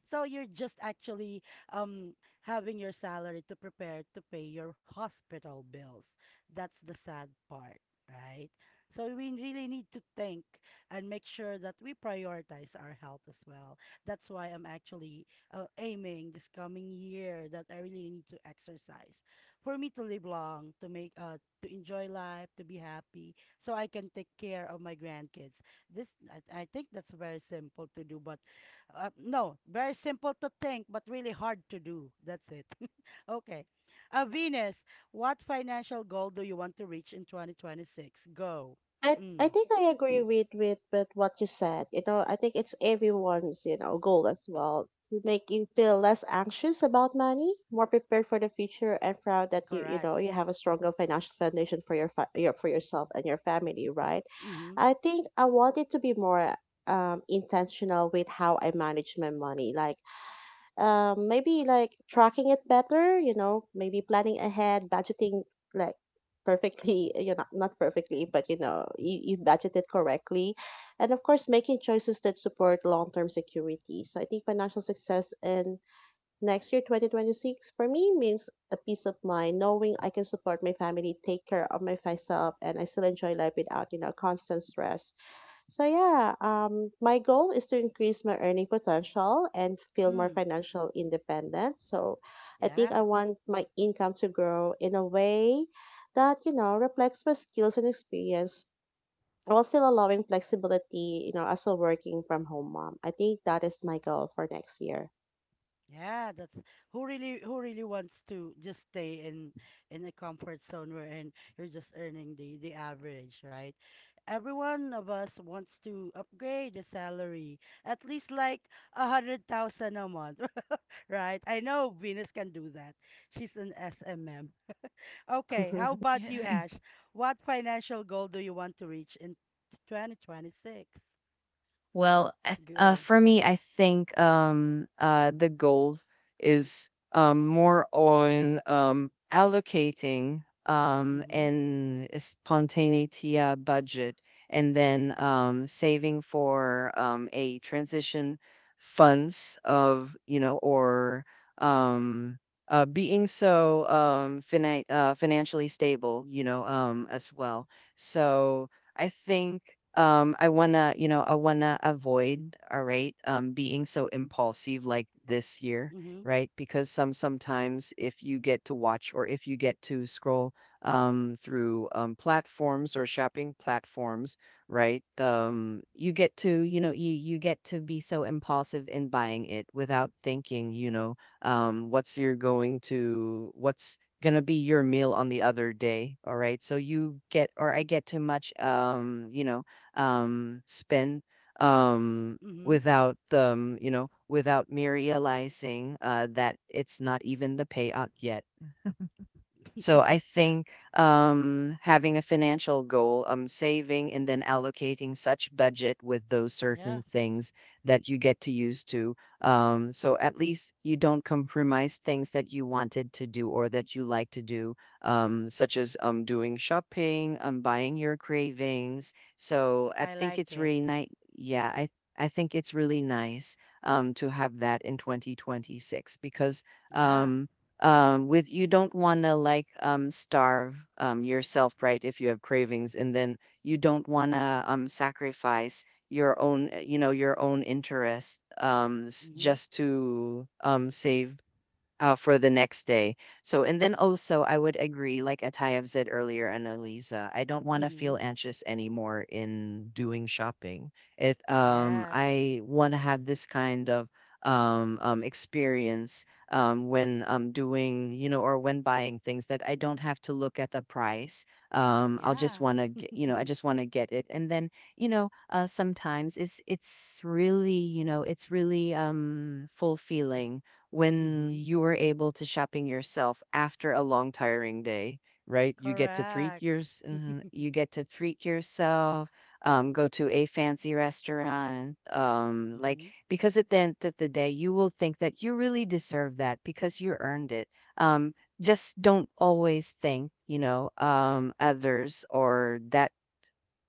[SPEAKER 3] So you're just actually um having your salary to prepare to pay your hospital bills. That's the sad part, right? So we really need to think and make sure that we prioritize our health as well. That's why I'm actually uh, aiming this coming year that I really need to exercise for me to live long, to make uh to enjoy life, to be happy, so I can take care of my grandkids. This I, I think that's very simple to do, but uh, no, very simple to think, but really hard to do. That's it. Okay, uh, Venus, what financial goal do you want to reach in twenty twenty-six? Go.
[SPEAKER 1] I I
[SPEAKER 3] Mm,
[SPEAKER 1] think I agree with with with what you said. You know, I think it's everyone's you know goal as well to make you feel less anxious about money, more prepared for the future, and proud that you you
[SPEAKER 3] correct.
[SPEAKER 1] know you have a stronger financial foundation for your fa- your for yourself and your family, right?
[SPEAKER 3] Mm-hmm.
[SPEAKER 1] I think I wanted to be more um intentional with how I manage my money, like um, maybe like tracking it better, you know, maybe planning ahead, budgeting like perfectly, you know, not perfectly, but you know, you, you budget it correctly. And of course, making choices that support long term security. So I think financial success in next year, twenty twenty-six, for me means a peace of mind, knowing I can support my family, take care of my myself, and I still enjoy life without, you know, constant stress so yeah, um, my goal is to increase my earning potential and feel more
[SPEAKER 3] Mm,
[SPEAKER 1] financial independent. So I think
[SPEAKER 3] yeah.
[SPEAKER 1] I want my income to grow in a way that, you know, reflects my skills and experience while still allowing flexibility, you know, as a working from home mom. I think that is my goal for next year.
[SPEAKER 3] Yeah, that's who really who really wants to just stay in in a comfort zone wherein you're just earning the the average, right? Every one of us wants to upgrade the salary at least like a hundred thousand a month, right? I know Venus can do that. She's an S M M. Okay, how about you, Ash? What financial goal do you want to reach in twenty twenty-six?
[SPEAKER 2] Well, I- uh,
[SPEAKER 3] Go.
[SPEAKER 2] for me, I think um, uh, the goal is um, more on um, allocating um,
[SPEAKER 3] Mm-hmm.
[SPEAKER 2] and spontaneity uh, budget, and then um, saving for um, a transition funds of you know or um, uh, being so um, fina- uh, financially stable, you know, um, as well. So I think um I wanna, you know, I wanna avoid, all right, um being so impulsive like this year,
[SPEAKER 3] Mm-hmm.
[SPEAKER 2] right? Because some sometimes if you get to watch or if you get to scroll um through um platforms or shopping platforms, right? Um you get to, you know, you you get to be so impulsive in buying it without thinking, you know, um what's you're going to what's gonna be your meal on the other day, all right? So you get or I get too much um, you know, um spend um
[SPEAKER 3] Mm-hmm.
[SPEAKER 2] without um, you know, without me realizing uh that it's not even the payout yet. So I think um, having a financial goal, um, saving and then allocating such budget with those certain
[SPEAKER 3] Yeah.
[SPEAKER 2] things that you get to use to. Um, so at least you don't compromise things that you wanted to do or that you like to do, um, such as um, doing shopping, um, buying your cravings. So I
[SPEAKER 3] I
[SPEAKER 2] think
[SPEAKER 3] like
[SPEAKER 2] it's
[SPEAKER 3] it.
[SPEAKER 2] really nice. Yeah, I I think it's really nice um, to have that in twenty twenty-six because.
[SPEAKER 3] Yeah.
[SPEAKER 2] Um, um with you don't want to like um starve um yourself, right? If you have cravings and then you don't want to um sacrifice your own uh, you know, your own interests um s-
[SPEAKER 3] Mm-hmm.
[SPEAKER 2] just to um save uh, for the next day. So, and then also, I would agree, like Atai have said earlier, Annalisa, I don't want to
[SPEAKER 3] Mm-hmm.
[SPEAKER 2] feel anxious anymore in doing shopping. It, um,
[SPEAKER 3] Yes.
[SPEAKER 2] I want to have this kind of um, um, experience um, when um, doing, you know, or when buying things that I don't have to look at the price. Um, I'll just
[SPEAKER 3] Yeah.
[SPEAKER 2] want to, you know, I just want to get it. And then, you know, uh, sometimes it's it's really, you know, it's really um,
[SPEAKER 3] It's,
[SPEAKER 2] fulfilling when
[SPEAKER 3] mm-hmm.
[SPEAKER 2] you are able to shopping yourself after a long tiring day, right? You get to treat
[SPEAKER 3] Correct.
[SPEAKER 2] yours, mhm, you get to treat yourself, um, go to a fancy restaurant um, like,
[SPEAKER 3] mm-hmm.
[SPEAKER 2] because at the end of the day you will think that you really deserve that because you earned it. um, just don't always think you know um, others or that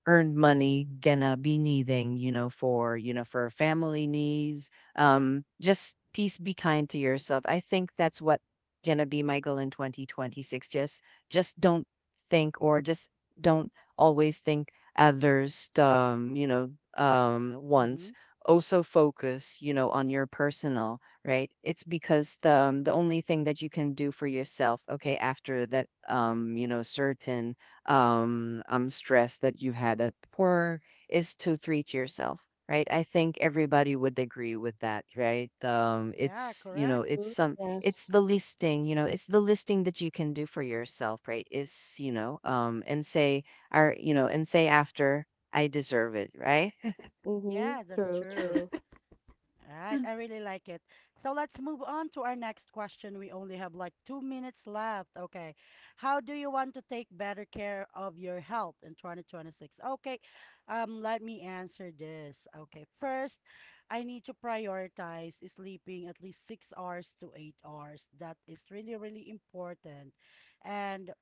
[SPEAKER 2] earned money gonna be needing, you know, for, you know, for family needs. Um, just please be kind to yourself. I think that's what gonna be my goal in twenty twenty-six. Just just don't think or just don't always think others um, you know, um
[SPEAKER 3] Mm-hmm.
[SPEAKER 2] wants. Also focus, you know, on your personal, right? It's because the um, the only thing that you can do for yourself, okay, after that um, you know, certain um, um, stress that you had at work is to treat yourself, right? I think everybody would agree with that, right? Um,
[SPEAKER 3] Yeah,
[SPEAKER 2] it's you know,
[SPEAKER 3] correct.
[SPEAKER 2] it's
[SPEAKER 1] Mhm.
[SPEAKER 2] some, it's
[SPEAKER 1] Yes.
[SPEAKER 2] the least thing, you know, it's the least thing that you can do for yourself, right? Is you know, um, and say, or you know, and say after, I deserve it, right?
[SPEAKER 1] Mm-hmm.
[SPEAKER 3] Yeah, that's
[SPEAKER 1] True,
[SPEAKER 3] true.
[SPEAKER 1] true.
[SPEAKER 3] All right, I really like it. So let's move on to our next question. We only have like two minutes left. Okay. How do you want to take better care of your health in twenty twenty-six? Okay. Um, let me answer this. Okay. First, I need to prioritize sleeping at least six hours to eight hours. That is really, really important. And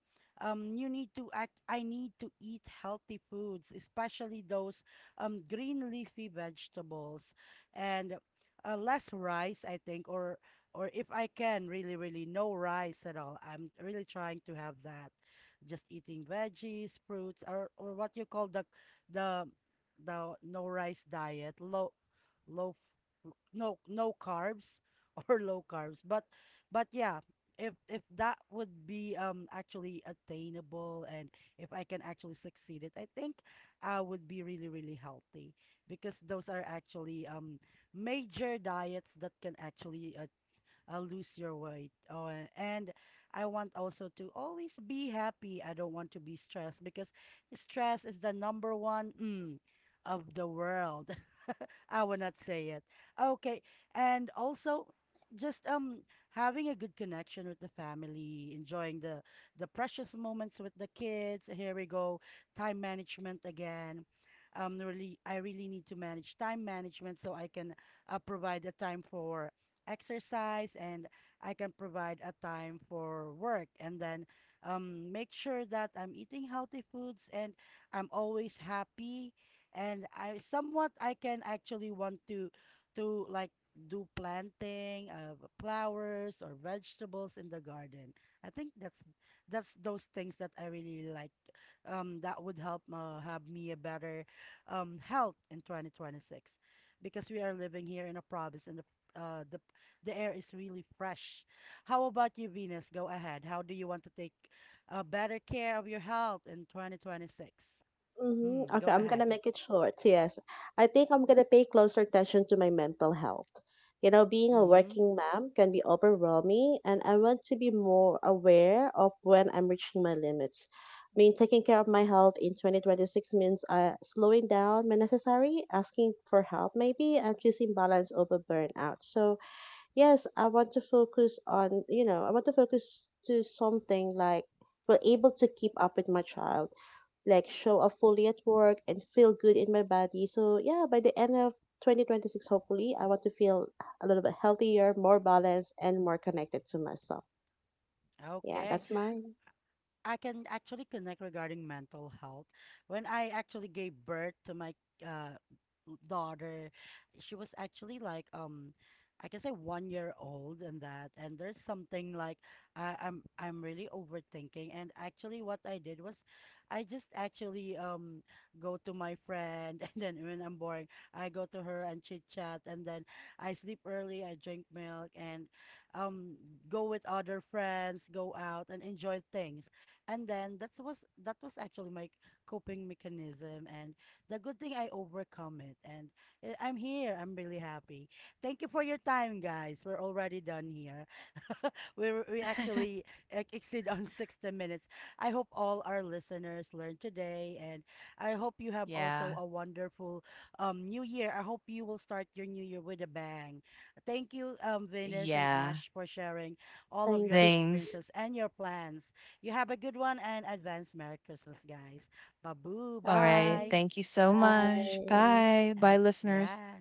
[SPEAKER 3] um, you need to act, I need to eat healthy foods, especially those um, green leafy vegetables. And uh, less rice, I think, or or if I can really, really no rice at all. I'm really trying to have that. Just eating veggies, fruits, or or what you call the the the no rice diet, low low f- no no carbs or low carbs. But but yeah, if if that would be um actually attainable, and if I can actually succeed it, I think I would be really, really healthy because those are actually um major diets that can actually uh, uh, lose your weight. Oh, and I want also to always be happy. I don't want to be stressed because stress is the number one mm, of the world. I will not say it. Okay. And also just um having a good connection with the family, enjoying the the precious moments with the kids. Here we go. Time management again. Um really, I really need to manage time management so I can uh, provide a time for exercise, and I can provide a time for work, and then um make sure that I'm eating healthy foods and I'm always happy, and I somewhat I can actually want to to like do planting of flowers or vegetables in the garden. I think that's that's those things that I really like. Um, that would help uh, have me a better um health in twenty twenty-six because we are living here in a province, and the uh the the air is really fresh. How about you, Venus? Go ahead. How do you want to take uh, better care of your health in twenty twenty-six?
[SPEAKER 1] Mhm.
[SPEAKER 3] Hmm,
[SPEAKER 1] Okay,
[SPEAKER 3] go
[SPEAKER 1] I'm gonna
[SPEAKER 3] ahead.
[SPEAKER 1] make it short. Yes, I think I'm gonna pay closer attention to my mental health. You know, being a
[SPEAKER 3] Mm-hmm.
[SPEAKER 1] working mom can be overwhelming, and I want to be more aware of when I'm reaching my limits. I mean, taking care of my health in twenty twenty-six means uh, slowing down when necessary, asking for help maybe, and choosing balance over burnout. So, yes, I want to focus on, you know, I want to focus to something like we're able to keep up with my child like show up fully at work and feel good in my body. So yeah, by the end of twenty twenty-six, hopefully, I want to feel a little bit healthier, more balanced, and more connected to myself. Yeah,
[SPEAKER 3] Okay.
[SPEAKER 1] that's mine.
[SPEAKER 3] I can actually connect regarding mental health. When I actually gave birth to my uh, daughter, she was actually like um I can say one year old, and that and there's something like I, I'm I'm really overthinking, and actually what I did was I just actually um go to my friend and then when I'm boring I go to her and chit chat, and then I sleep early, I drink milk, and um go with other friends, go out and enjoy things. And then that was that was actually my coping mechanism, and the good thing I overcome it, and eh, I'm here, I'm really happy. Thank you for your time, guys, we're already done here. we we actually ex- exceed on sixty minutes. I hope all our listeners learned today, and I hope you have also
[SPEAKER 2] Yeah,
[SPEAKER 3] a wonderful um new year. I hope you will start your new year with a bang. Thank you, um Venus and
[SPEAKER 2] yeah.
[SPEAKER 3] Ash, for sharing all of your
[SPEAKER 1] Thank you.
[SPEAKER 2] Things.
[SPEAKER 3] experiences and your plans. You have a good one, and advance Merry Christmas, guys. Babu,
[SPEAKER 2] All right.
[SPEAKER 1] Bye.
[SPEAKER 3] bye.
[SPEAKER 2] Thank you so much.
[SPEAKER 1] Bye.
[SPEAKER 2] Bye. Bye,
[SPEAKER 3] And
[SPEAKER 2] listeners.
[SPEAKER 3] yeah.